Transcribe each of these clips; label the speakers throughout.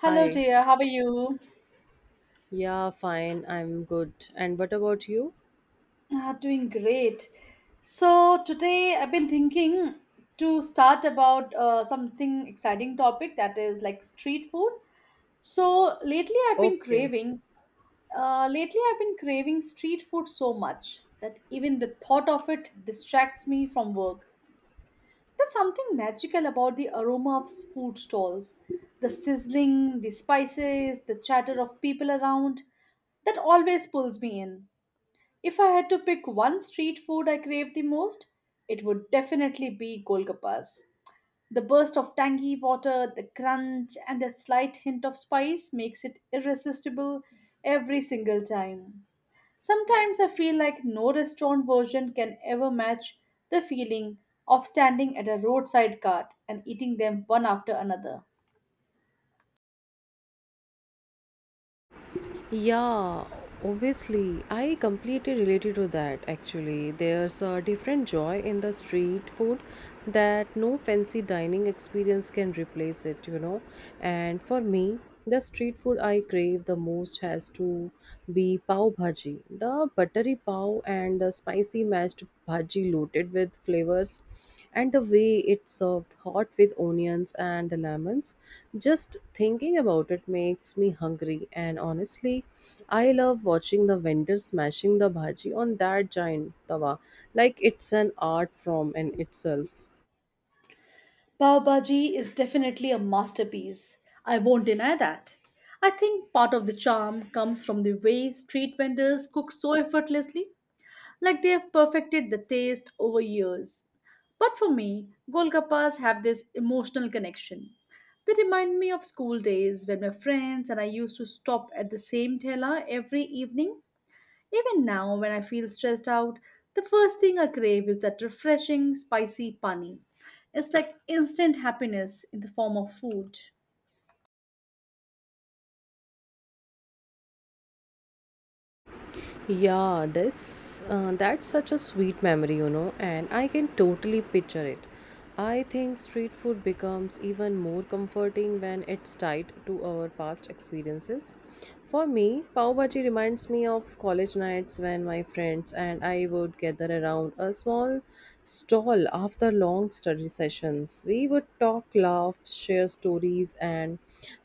Speaker 1: Hello,
Speaker 2: Hi.
Speaker 1: dear. How are you?
Speaker 2: Yeah, fine. I'm good. And what about you?
Speaker 1: Ah, doing great. So today I've been thinking to start about something exciting topic that is like street food. So lately I've been
Speaker 2: Okay.
Speaker 1: craving. Lately I've been craving street food so much that even the thought of it distracts me from work. There's something magical about the aroma of food stalls, the sizzling, the spices, the chatter of people around that always pulls me in. If I had to pick one street food I crave the most, it would definitely be Golgappas. The burst of tangy water, the crunch, and that slight hint of spice makes it irresistible every single time. Sometimes I feel like no restaurant version can ever match the feeling of standing at a roadside cart and eating them one after another.
Speaker 2: Yeah, obviously, I completely related to that actually. There's a different joy in the street food that no fancy dining experience can replace it. And for me, the street food I crave the most has to be pav bhaji. The buttery pav and the spicy mashed bhaji loaded with flavors and the way it's served hot with onions and lemons, just thinking about it makes me hungry. And honestly, I love watching the vendors smashing the bhaji on that giant tawa like it's an art form in itself.
Speaker 1: Pav Bhaji is definitely a masterpiece. I won't deny that. I think part of the charm comes from the way street vendors cook so effortlessly, like they have perfected the taste over years. But for me, Golgappas have this emotional connection. They remind me of school days when my friends and I used to stop at the same tela every evening. Even now, when I feel stressed out, the first thing I crave is that refreshing, spicy pani. It's like instant happiness in the form of food.
Speaker 2: Yeah, this that's such a sweet memory, and I can totally picture it. I think street food becomes even more comforting when it's tied to our past experiences. For me, pav bhaji reminds me of college nights when my friends and I would gather around a small stall after long study sessions. We would talk, laugh, share stories, and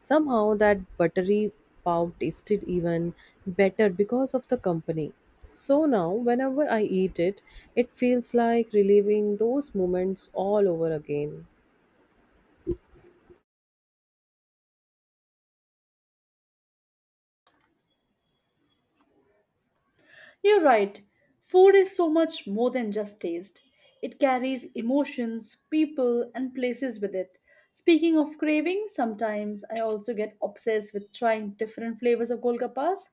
Speaker 2: somehow that buttery pav tasted even better because of the company. So now, whenever I eat it, it feels like reliving those moments all over again.
Speaker 1: You're right, food is so much more than just taste. It carries emotions, people, and places with it. Speaking of craving, sometimes I also get obsessed with trying different flavors of golgappas.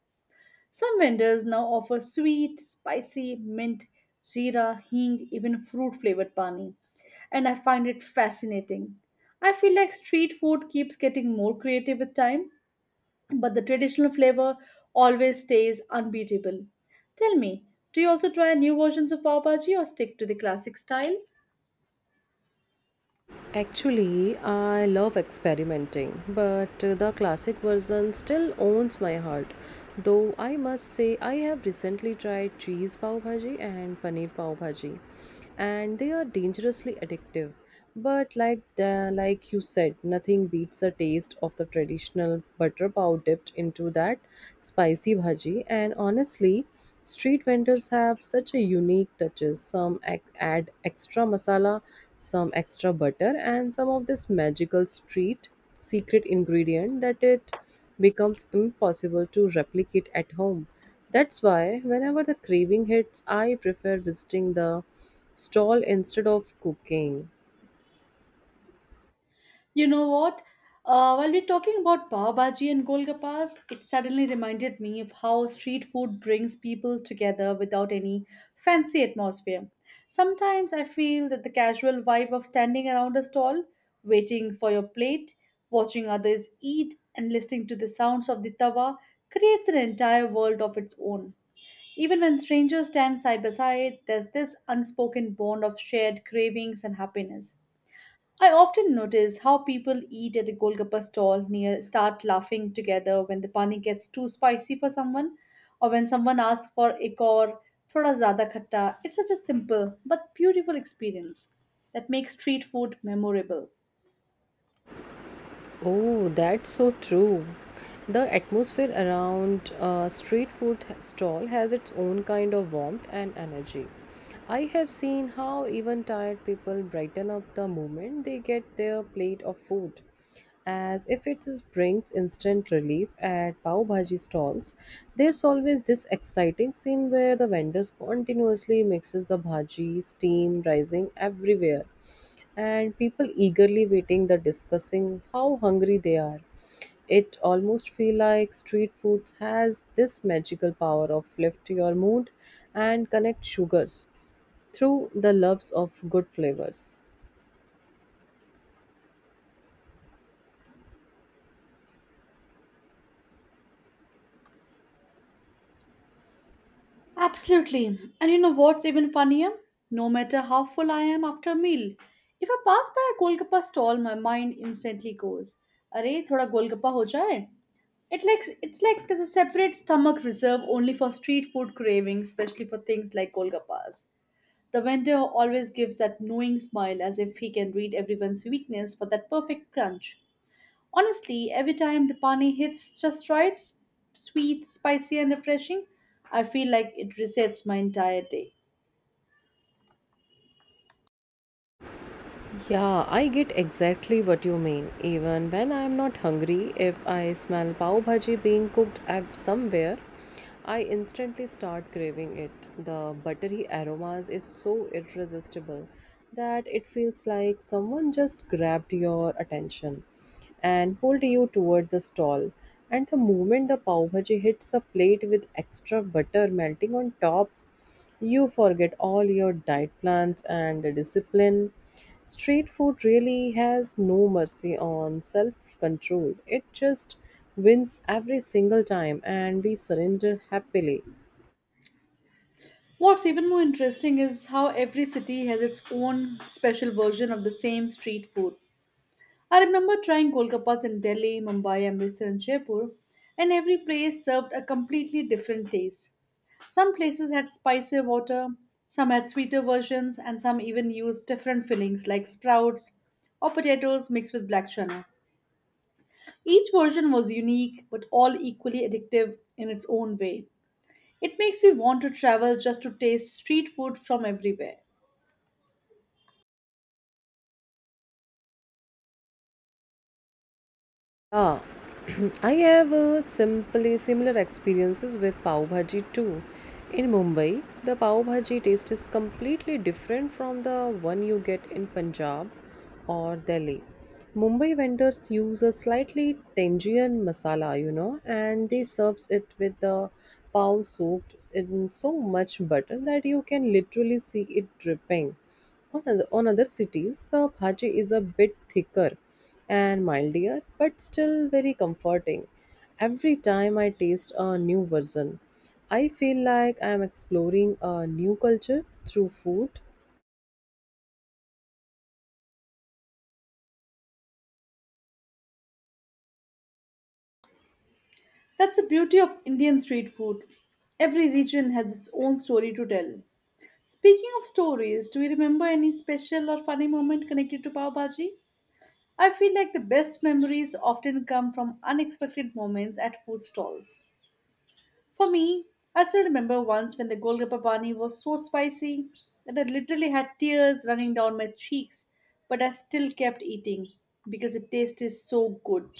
Speaker 1: Some vendors now offer sweet, spicy, mint, jeera, hing, even fruit flavored pani. And I find it fascinating. I feel like street food keeps getting more creative with time, but the traditional flavor always stays unbeatable. Tell me, do you also try new versions of pav bhaji or stick to the classic style?
Speaker 2: Actually, I love experimenting, but the classic version still owns my heart. Though I must say, I have recently tried cheese pav bhaji and paneer pav bhaji, and they are dangerously addictive. But like you said, nothing beats the taste of the traditional butter pav dipped into that spicy bhaji. And honestly, street vendors have such a unique touches. Some add extra masala, some extra butter, and some of this magical street secret ingredient, that it becomes impossible to replicate at home. That's why whenever the craving hits, I prefer visiting the stall instead of cooking.
Speaker 1: You know what? While we're talking about pav bhaji and golgappas, it suddenly reminded me of how street food brings people together without any fancy atmosphere. Sometimes I feel that the casual vibe of standing around a stall, waiting for your plate, watching others eat, and listening to the sounds of the tawa creates an entire world of its own. Even when strangers stand side by side, there's this unspoken bond of shared cravings and happiness. I often notice how people eat at a Golgappa stall near start laughing together when the pani gets too spicy for someone, or when someone asks for ek aur thoda zyada khatta. It's such a simple but beautiful experience that makes street food memorable.
Speaker 2: Oh, that's so true. The atmosphere around a street food stall has its own kind of warmth and energy. I have seen how even tired people brighten up the moment they get their plate of food, as if brings instant relief at pav bhaji stalls. There's always this exciting scene where the vendors continuously mixes the bhaji, steam rising everywhere and people eagerly waiting, the discussing how hungry they are. It almost feel like street foods has this magical power of lift your mood and connect sugars through the loves of good flavors.
Speaker 1: Absolutely. And you know what's even funnier? No matter how full I am after a meal, if I pass by a golgappa stall, my mind instantly goes, "Arey, thoda golgappa ho jaye." It's like there's a separate stomach reserve only for street food cravings, especially for things like golgappas. The vendor always gives that knowing smile as if he can read everyone's weakness for that perfect crunch. Honestly, every time the pani hits just right, sweet, spicy, and refreshing, I feel like it resets my entire day.
Speaker 2: Yeah, I get exactly what you mean. Even when I am not hungry, if I smell pav bhaji being cooked at somewhere, I instantly start craving it. The buttery aromas is so irresistible that it feels like someone just grabbed your attention and pulled you toward the stall. And the moment the pav bhaji hits the plate with extra butter melting on top, you forget all your diet plans and the discipline. Street food really has no mercy on self control. It just wins every single time, and we surrender happily.
Speaker 1: What's even more interesting is how every city has its own special version of the same street food. I remember trying Golgappas in Delhi, Mumbai, Amritsar, and Jaipur, and every place served a completely different taste. Some places had spicier water, some had sweeter versions, and some even used different fillings like sprouts or potatoes mixed with black chana. Each version was unique, but all equally addictive in its own way. It makes me want to travel just to taste street food from everywhere.
Speaker 2: Yeah, I have simply similar experiences with pav bhaji too. In Mumbai, the pav bhaji taste is completely different from the one you get in Punjab or Delhi. Mumbai vendors use a slightly tangerine masala, and they serves it with the pav soaked in so much butter that you can literally see it dripping. On other cities, the bhaji is a bit thicker and milder, but still very comforting. Every time I taste a new version, I feel like I am exploring a new culture through food.
Speaker 1: That's the beauty of Indian street food. Every region has its own story to tell. Speaking of stories, do you remember any special or funny moment connected to Pav Bhaji? I feel like the best memories often come from unexpected moments at food stalls. For me, I still remember once when the Golgappa Bani was so spicy that I literally had tears running down my cheeks, but I still kept eating because it tasted so good.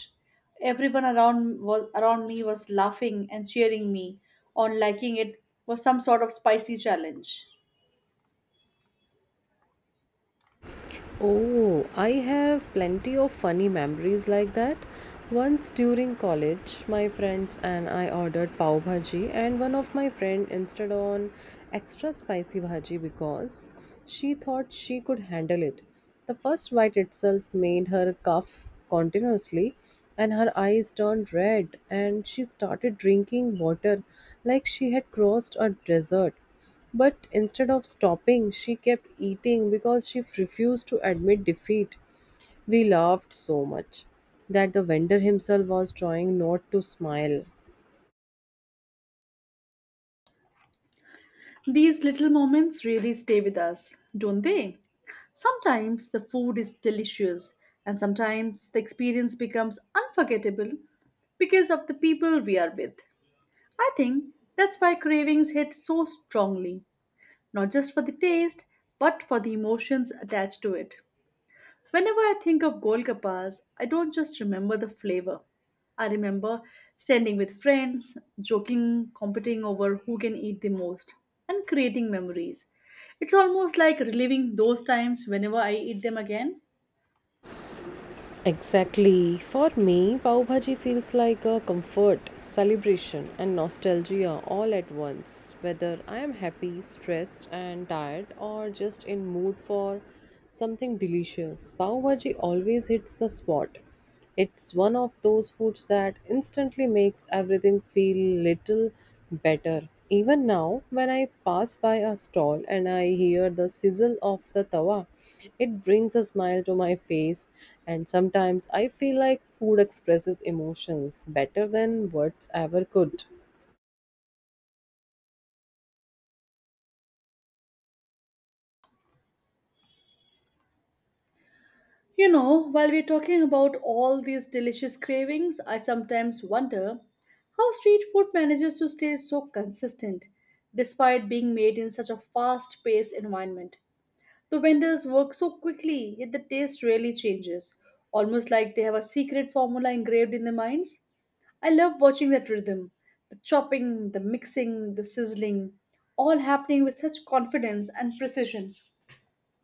Speaker 1: Everyone around me was laughing and cheering me on liking it was some sort of spicy challenge.
Speaker 2: Oh, I have plenty of funny memories like that. Once during college, my friends and I ordered pav bhaji, and one of my friend insisted on extra spicy bhaji because she thought she could handle it. The first bite itself made her cough continuously, and her eyes turned red, and she started drinking water like she had crossed a desert. But instead of stopping, she kept eating because she refused to admit defeat. We laughed so much that the vendor himself was trying not to smile.
Speaker 1: These little moments really stay with us, don't they? Sometimes the food is delicious, and sometimes the experience becomes unforgettable because of the people we are with. I think that's why cravings hit so strongly, not just for the taste, but for the emotions attached to it. Whenever I think of Golgappas, I don't just remember the flavor. I remember standing with friends, joking, competing over who can eat the most, and creating memories. It's almost like reliving those times whenever I eat them again.
Speaker 2: Exactly. For me, pav bhaji feels like a comfort, celebration, and nostalgia all at once. Whether I am happy, stressed, and tired, or just in mood for something delicious, pav bhaji always hits the spot. It's one of those foods that instantly makes everything feel little better. Even now, when I pass by a stall and I hear the sizzle of the tawa, it brings a smile to my face. And sometimes I feel like food expresses emotions better than words ever could.
Speaker 1: You know, while we're talking about all these delicious cravings, I sometimes wonder how street food manages to stay so consistent despite being made in such a fast paced environment. The vendors work so quickly, yet the taste rarely changes, almost like they have a secret formula engraved in their minds. I love watching that rhythm the chopping, the mixing, the sizzling, all happening with such confidence and precision.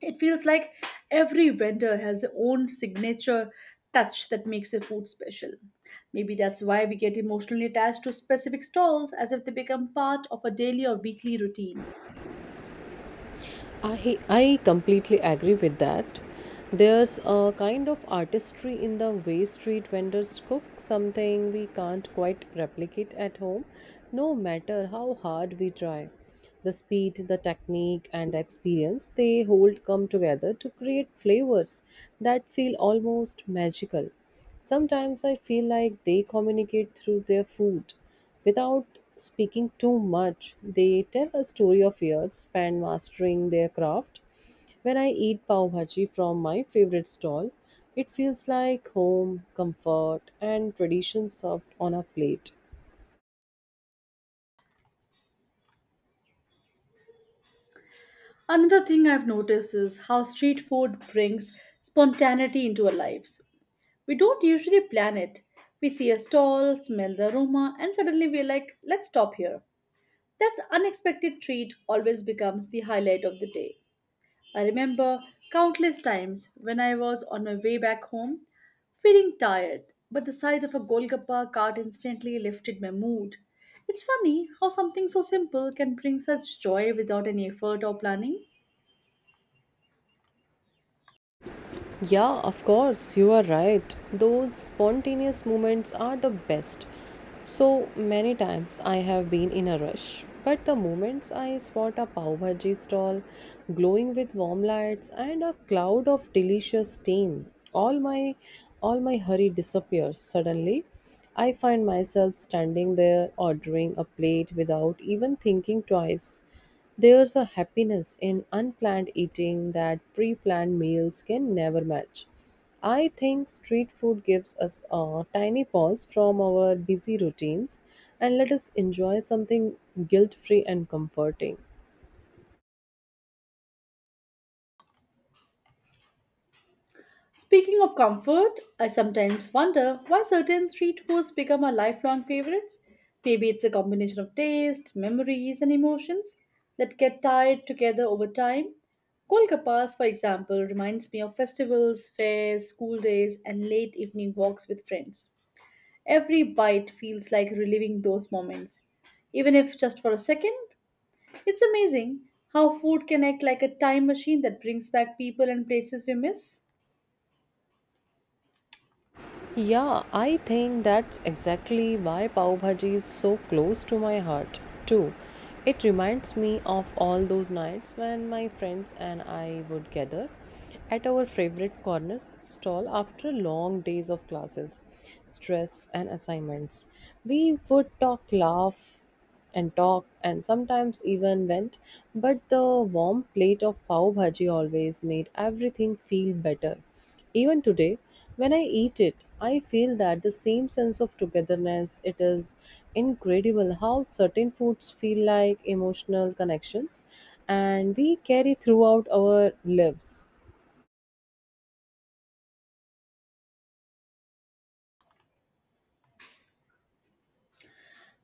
Speaker 1: It feels like every vendor has their own signature touch that makes their food special. Maybe that's why we get emotionally attached to specific stalls as if they become part of a daily or weekly routine.
Speaker 2: I completely agree with that. There's a kind of artistry in the way street vendors cook something we can't quite replicate at home, no matter how hard we try. The speed, the technique, and the experience they hold come together to create flavors that feel almost magical. Sometimes I feel like they communicate through their food without speaking too much. They tell a story of years spent mastering their craft. When I eat pav bhaji from my favorite stall, it feels like home, comfort, and tradition served on a plate.
Speaker 1: Another thing I've noticed is how street food brings spontaneity into our lives. We don't usually plan it. We see a stall, smell the aroma, and suddenly we're like, let's stop here. That unexpected treat always becomes the highlight of the day. I remember countless times when I was on my way back home, feeling tired, but the sight of a Golgappa cart instantly lifted my mood. It's funny how something so simple can bring such joy without any effort or planning.
Speaker 2: Yeah, of course, you are right. Those spontaneous moments are the best. So many times I have been in a rush, but the moments I spot a pav bhaji stall glowing with warm lights and a cloud of delicious steam, all my all my hurry disappears suddenly. I find myself standing there ordering a plate without even thinking twice. There's a happiness in unplanned eating that pre planned meals can never match. I think street food gives us a tiny pause from our busy routines and let us enjoy something guilt free and comforting.
Speaker 1: Speaking of comfort, I sometimes wonder why certain street foods become our lifelong favorites. Maybe it's a combination of taste, memories, and emotions that get tied together over time. Golgappas, for example, reminds me of festivals, fairs, school days, and late evening walks with friends. Every bite feels like reliving those moments. Even if just for a second, it's amazing how food can act like a time machine that brings back people and places we miss.
Speaker 2: Yeah, I think that's exactly why pav bhaji is so close to my heart, too. It reminds me of all those nights when my friends and I would gather at our favorite corner stall after long days of classes, stress, and assignments. We would talk, laugh, and talked and sometimes even went, but the warm plate of pav bhaji always made everything feel better. Even today, when I eat it, I feel that the same sense of togetherness. It is incredible how certain foods feel like emotional connections and we carry throughout our lives.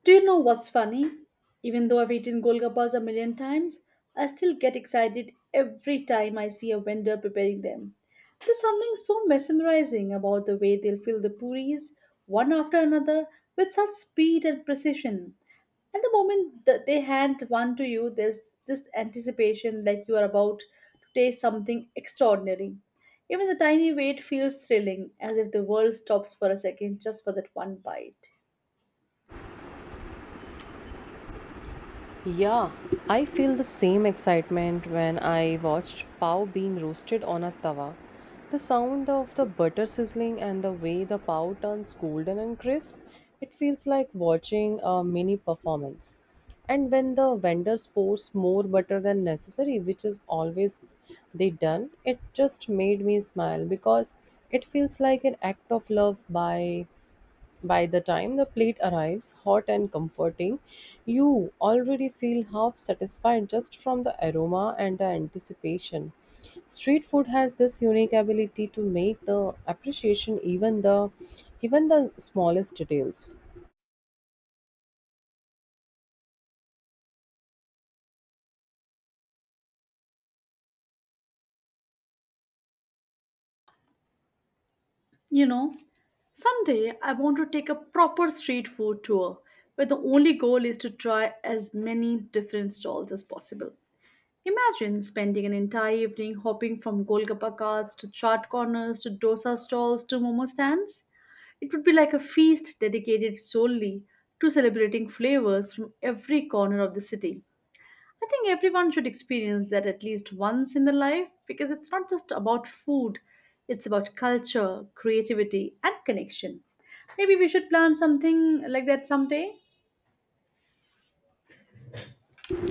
Speaker 1: Do you know what's funny? Even though I've eaten golgappas a million times, I still get excited every time I see a vendor preparing them. There's something so mesmerizing about the way they'll fill the puris one after another with such speed and precision. And the moment that they hand one to you, there's this anticipation like you are about to taste something extraordinary. Even the tiny wait feels thrilling, as if the world stops for a second just for that one bite.
Speaker 2: Yeah, I feel the same excitement when I watched pav being roasted on a tawa. The sound of the butter sizzling and the way the pav turns golden and crisp, it feels like watching a mini performance. And when the vendor pours more butter than necessary, which is always they done, it just made me smile because it feels like an act of love. By by the time the plate arrives, hot and comforting, you already feel half satisfied just from the aroma and the anticipation. Street food has this unique ability to make the appreciation even the smallest details.
Speaker 1: You know, someday I want to take a proper street food tour where the only goal is to try as many different stalls as possible. Imagine spending an entire evening hopping from Golgappa carts to chaat corners to dosa stalls to momo stands. It would be like a feast dedicated solely to celebrating flavors from every corner of the city. I think everyone should experience that at least once in their life because it's not just about food, it's about culture, creativity, and connection. Maybe we should plan something like that someday.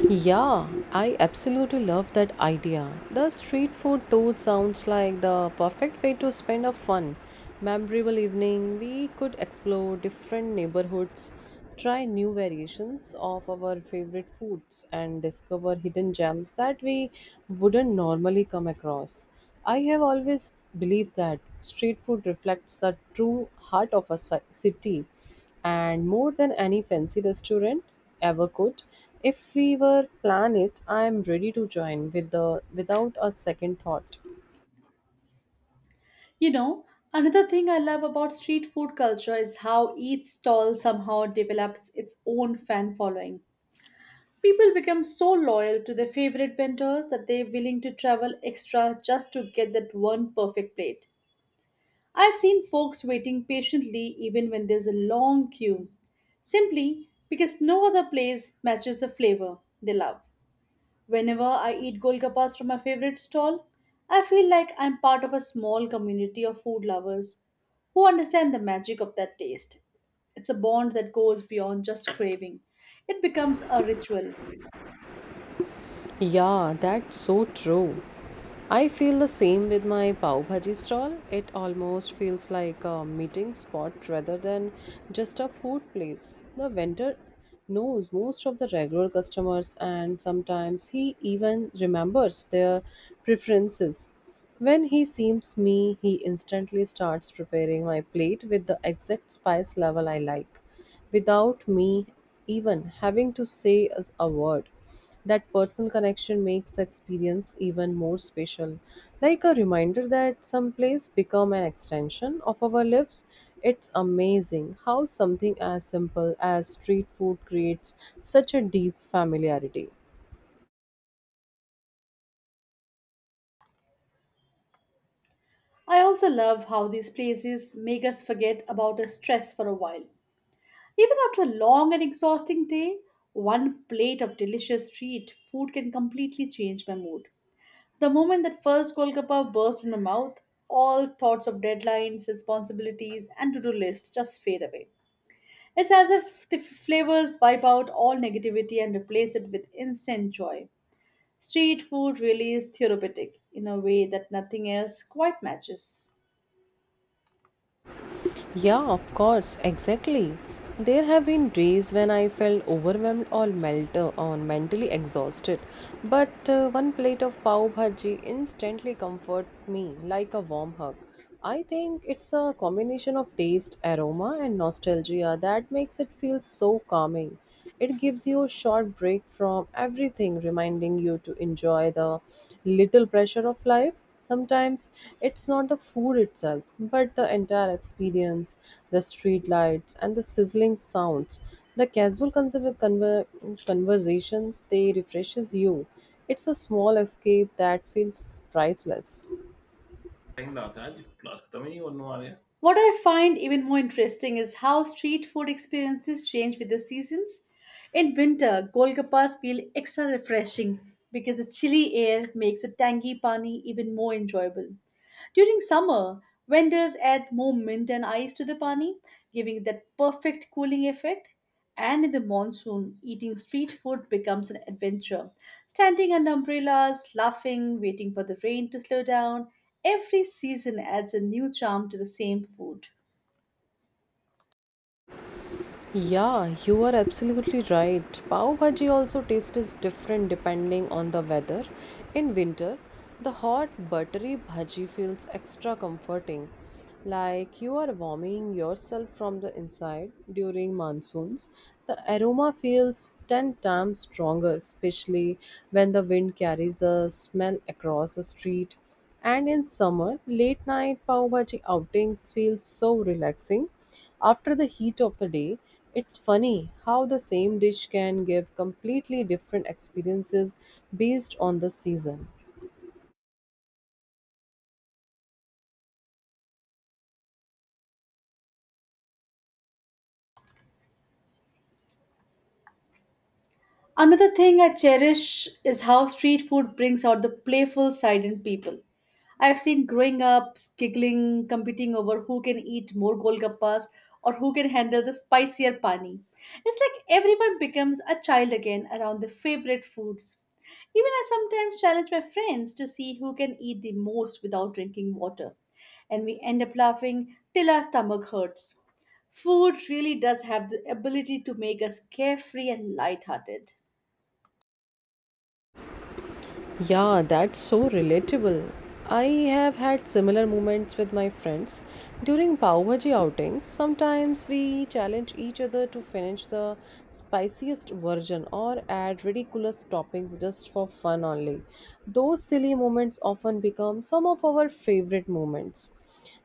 Speaker 2: Yeah, I absolutely love that idea. The street food tour sounds like the perfect way to spend a fun, memorable evening. We could explore different neighborhoods, try new variations of our favorite foods, and discover hidden gems that we wouldn't normally come across. I have always believed that street food reflects the true heart of a city, and more than any fancy restaurant ever could. If we were plan it, I am ready to join with the without a second thought.
Speaker 1: You know, another thing I love about street food culture is how each stall somehow develops its own fan following. People become so loyal to their favorite vendors that they're willing to travel extra just to get that one perfect plate. I've seen folks waiting patiently even when there's a long queue, simply because no other place matches the flavor they love. Whenever I eat golgappas from my favorite stall, I feel like I'm part of a small community of food lovers who understand the magic of that taste. It's a bond that goes beyond just craving, it becomes a ritual.
Speaker 2: Yeah, that's so true. I feel the same with my pav bhaji stall. It almost feels like a meeting spot rather than just a food place. The vendor knows most of the regular customers and sometimes he even remembers their preferences. When he sees me, he instantly starts preparing my plate with the exact spice level I like without me even having to say as a word. That personal connection makes the experience even more special, like a reminder that some place become an extension of our lives. It's amazing how something as simple as street food creates such a deep familiarity.
Speaker 1: I also love how these places make us forget about our stress for a while. Even after a long and exhausting day, one plate of delicious street food can completely change my mood. The moment that first Golgappa burst in my mouth, all thoughts of deadlines, responsibilities, and to do lists just fade away. It's as if the flavors wipe out all negativity and replace it with instant joy. Street food really is therapeutic in a way that nothing else quite matches.
Speaker 2: Yeah, of course, exactly. There have been days when I felt overwhelmed or melt or mentally exhausted, but one plate of pav bhaji instantly comforted me like a warm hug. I think it's a combination of taste, aroma, and nostalgia that makes it feel so calming. It gives you a short break from everything, reminding you to enjoy the little pressure of life. Sometimes it's not the food itself, but the entire experience, the street lights and the sizzling sounds. The casual conversations they refreshes you. It's a small escape that feels priceless.
Speaker 1: Tem verdade, clássico também ou não área? What I find even more interesting is how street food experiences change with the seasons. In winter, golgappas feel extra refreshing because the chilly air makes the tangy pani even more enjoyable. During summer, vendors add more mint and ice to the pani, giving that perfect cooling effect. And in the monsoon, eating street food becomes an adventure. Standing under umbrellas, laughing, waiting for the rain to slow down, every season adds a new charm to the same food.
Speaker 2: Yeah, you are absolutely right. Pav bhaji also taste is different depending on the weather. In winter, the hot buttery bhaji feels extra comforting, like you are warming yourself from the inside during monsoons. The aroma feels 10 times stronger, especially when the wind carries a smell across the street. And in summer, late night pav bhaji outings feel so relaxing after the heat of the day. It's funny how the same dish can give completely different experiences based on the season.
Speaker 1: Another thing I cherish is how street food brings out the playful side in people. I've seen growing ups giggling, competing over who can eat more golgappas or who can handle the spicier pani. It's like everyone becomes a child again around their favorite foods. Even I sometimes challenge my friends to see who can eat the most without drinking water, and we end up laughing till our stomach hurts. Food really does have the ability to make us carefree and lighthearted.
Speaker 2: Yeah, that's so relatable. I have had similar moments with my friends during pav bhaji outings. Sometimes we challenge each other to finish the spiciest version or add ridiculous toppings just for fun only. Those silly moments often become some of our favorite moments.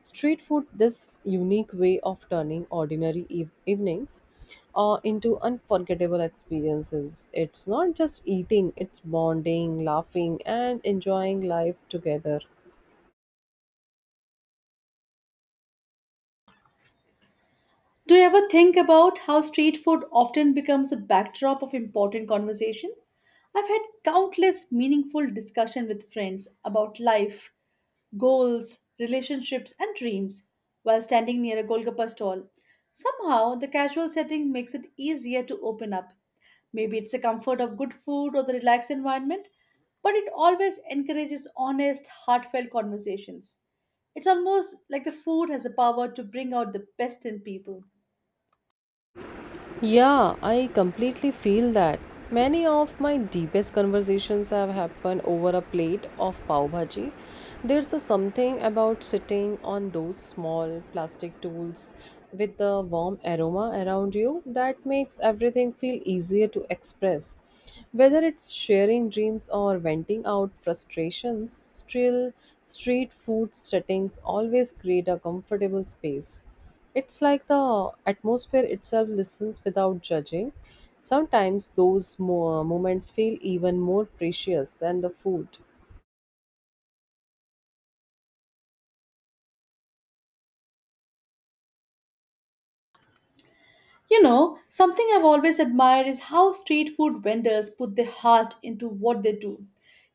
Speaker 2: Street food, this unique way of turning ordinary evenings into unforgettable experiences. It's not just eating, it's bonding, laughing, and enjoying life together.
Speaker 1: Do you ever think about how street food often becomes a backdrop of important conversation? I've had countless meaningful discussion with friends about life, goals, relationships and dreams while standing near a Golgappa stall. Somehow the casual setting makes it easier to open up. Maybe it's the comfort of good food or the relaxed environment, but it always encourages honest, heartfelt conversations. It's almost like the food has the power to bring out the best in people.
Speaker 2: Yeah, I completely feel that. Many of my deepest conversations have happened over a plate of pav bhaji. There's a something about sitting on those small plastic tools with the warm aroma around you that makes everything feel easier to express. Whether it's sharing dreams or venting out frustrations, still street food settings always create a comfortable space. It's like the atmosphere itself listens without judging. Sometimes those moments feel even more precious than the food.
Speaker 1: You know, something I've always admired is how street food vendors put their heart into what they do.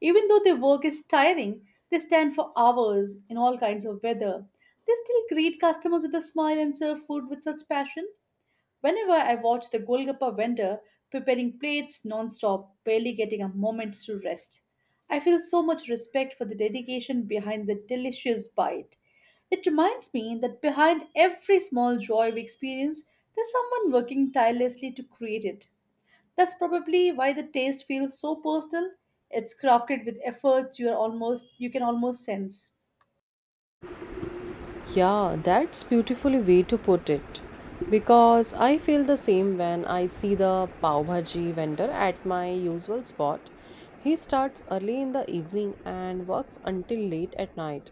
Speaker 1: Even though their work is tiring, they stand for hours in all kinds of weather. They still greet customers with a smile and serve food with such passion. Whenever I watch the Golgappa vendor preparing plates non-stop, barely getting a moment to rest, I feel so much respect for the dedication behind the delicious bite. It reminds me that behind every small joy we experience, there's someone working tirelessly to create it. That's probably why the taste feels so personal. It's crafted with efforts you can almost sense.
Speaker 2: Yeah, that's beautifully way to put it. Because I feel the same when I see the pav bhaji vendor at my usual spot. He starts early in the evening and works until late at night,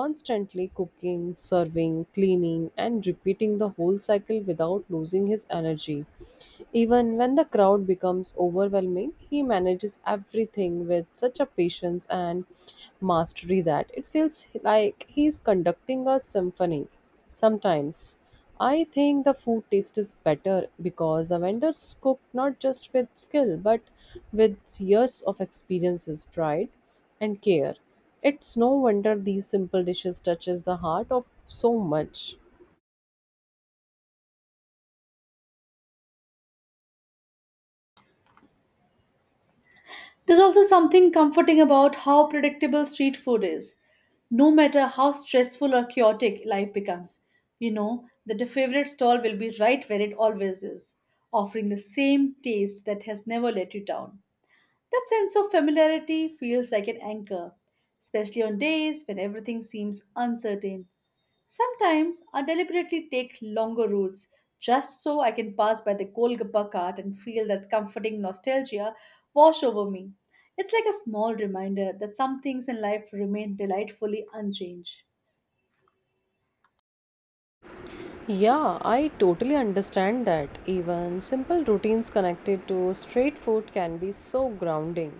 Speaker 2: constantly cooking, serving, cleaning, and repeating the whole cycle without losing his energy. Even when the crowd becomes overwhelming, he manages everything with such a patience and mastery that it feels like he's conducting a symphony. Sometimes I think the food taste is better because the vendors cook not just with skill but with years of experiences, pride, and care. It's no wonder these simple dishes touches the heart of so much.
Speaker 1: There's also something comforting about how predictable street food is. No matter how stressful or chaotic life becomes, you know that your favorite stall will be right where it always is, offering the same taste that has never let you down. That sense of familiarity feels like an anchor, especially on days when everything seems uncertain. Sometimes I deliberately take longer routes just so I can pass by the Golgappa cart and feel that comforting nostalgia wash over me. It's like a small reminder that some things in life remain delightfully unchanged.
Speaker 2: Yeah, I totally understand that. Even simple routines connected to straight food can be so grounding.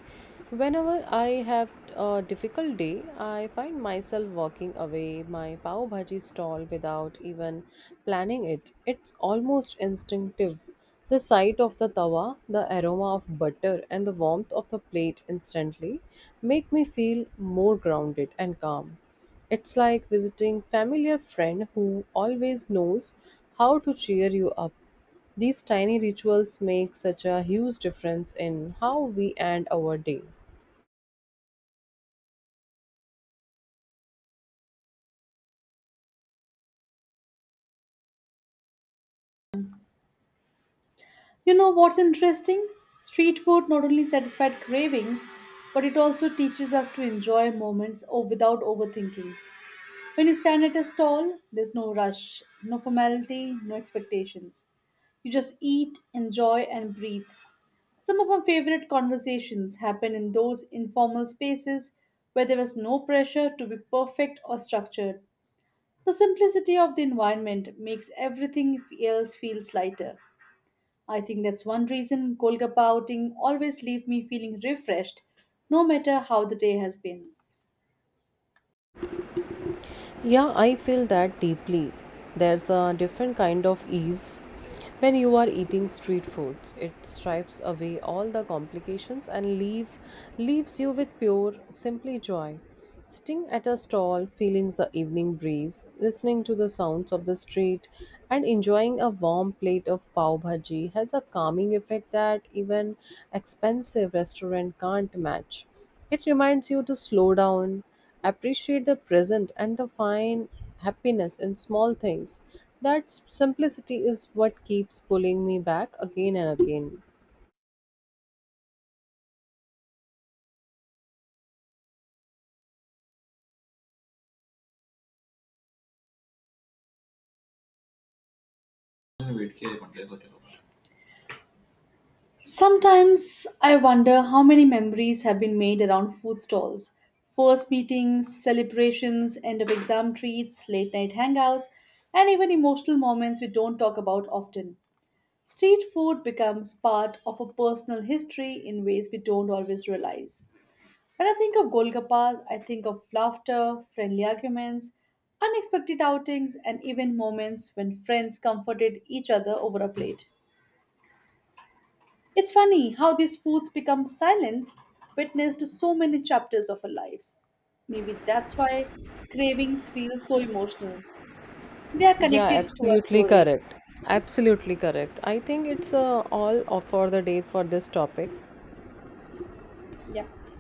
Speaker 2: Whenever I have a difficult day, I find myself walking away my pav bhaji stall without even planning it. It's almost instinctive. The sight of the tawa, the aroma of butter, and the warmth of the plate instantly make me feel more grounded and calm. It's like visiting familiar friend who always knows how to cheer you up. These tiny rituals make such a huge difference in how we end our day.
Speaker 1: You know what's interesting? Street food not only satisfies cravings, but it also teaches us to enjoy moments or without overthinking. When you stand at a stall, there's no rush, no formality, no expectations. You just eat, enjoy, and breathe. Some of my favorite conversations happen in those informal spaces where there was no pressure to be perfect or structured. The simplicity of the environment makes everything else feels lighter. I think that's one reason Kolkata outing always leave me feeling refreshed, no matter how the day has been.
Speaker 2: Yeah, I feel that deeply. There's a different kind of ease when you are eating street foods. It stripes away all the complications and leaves you with pure, simply joy. Sitting at a stall, feeling the evening breeze, listening to the sounds of the street, and enjoying a warm plate of pav bhaji has a calming effect that even expensive restaurant can't match. It reminds you to slow down, appreciate the present, and to find happiness in small things. That simplicity is what keeps pulling me back again and again.
Speaker 1: Sometimes I wonder how many memories have been made around food stalls. First meetings, celebrations, end of exam treats, late night hangouts, and even emotional moments we don't talk about often. Street food becomes part of a personal history in ways we don't always realize. When I think of Golgappas, I think of laughter, friendly arguments, unexpected outings, and even moments when friends comforted each other over a plate. It's funny how these foods become silent witness to so many chapters of our lives. Maybe that's why cravings feel so emotional. They are
Speaker 2: Yeah,
Speaker 1: connected to our
Speaker 2: absolutely
Speaker 1: story.
Speaker 2: correct. Absolutely correct. I think it's all of for the day for this topic.
Speaker 1: Yeah.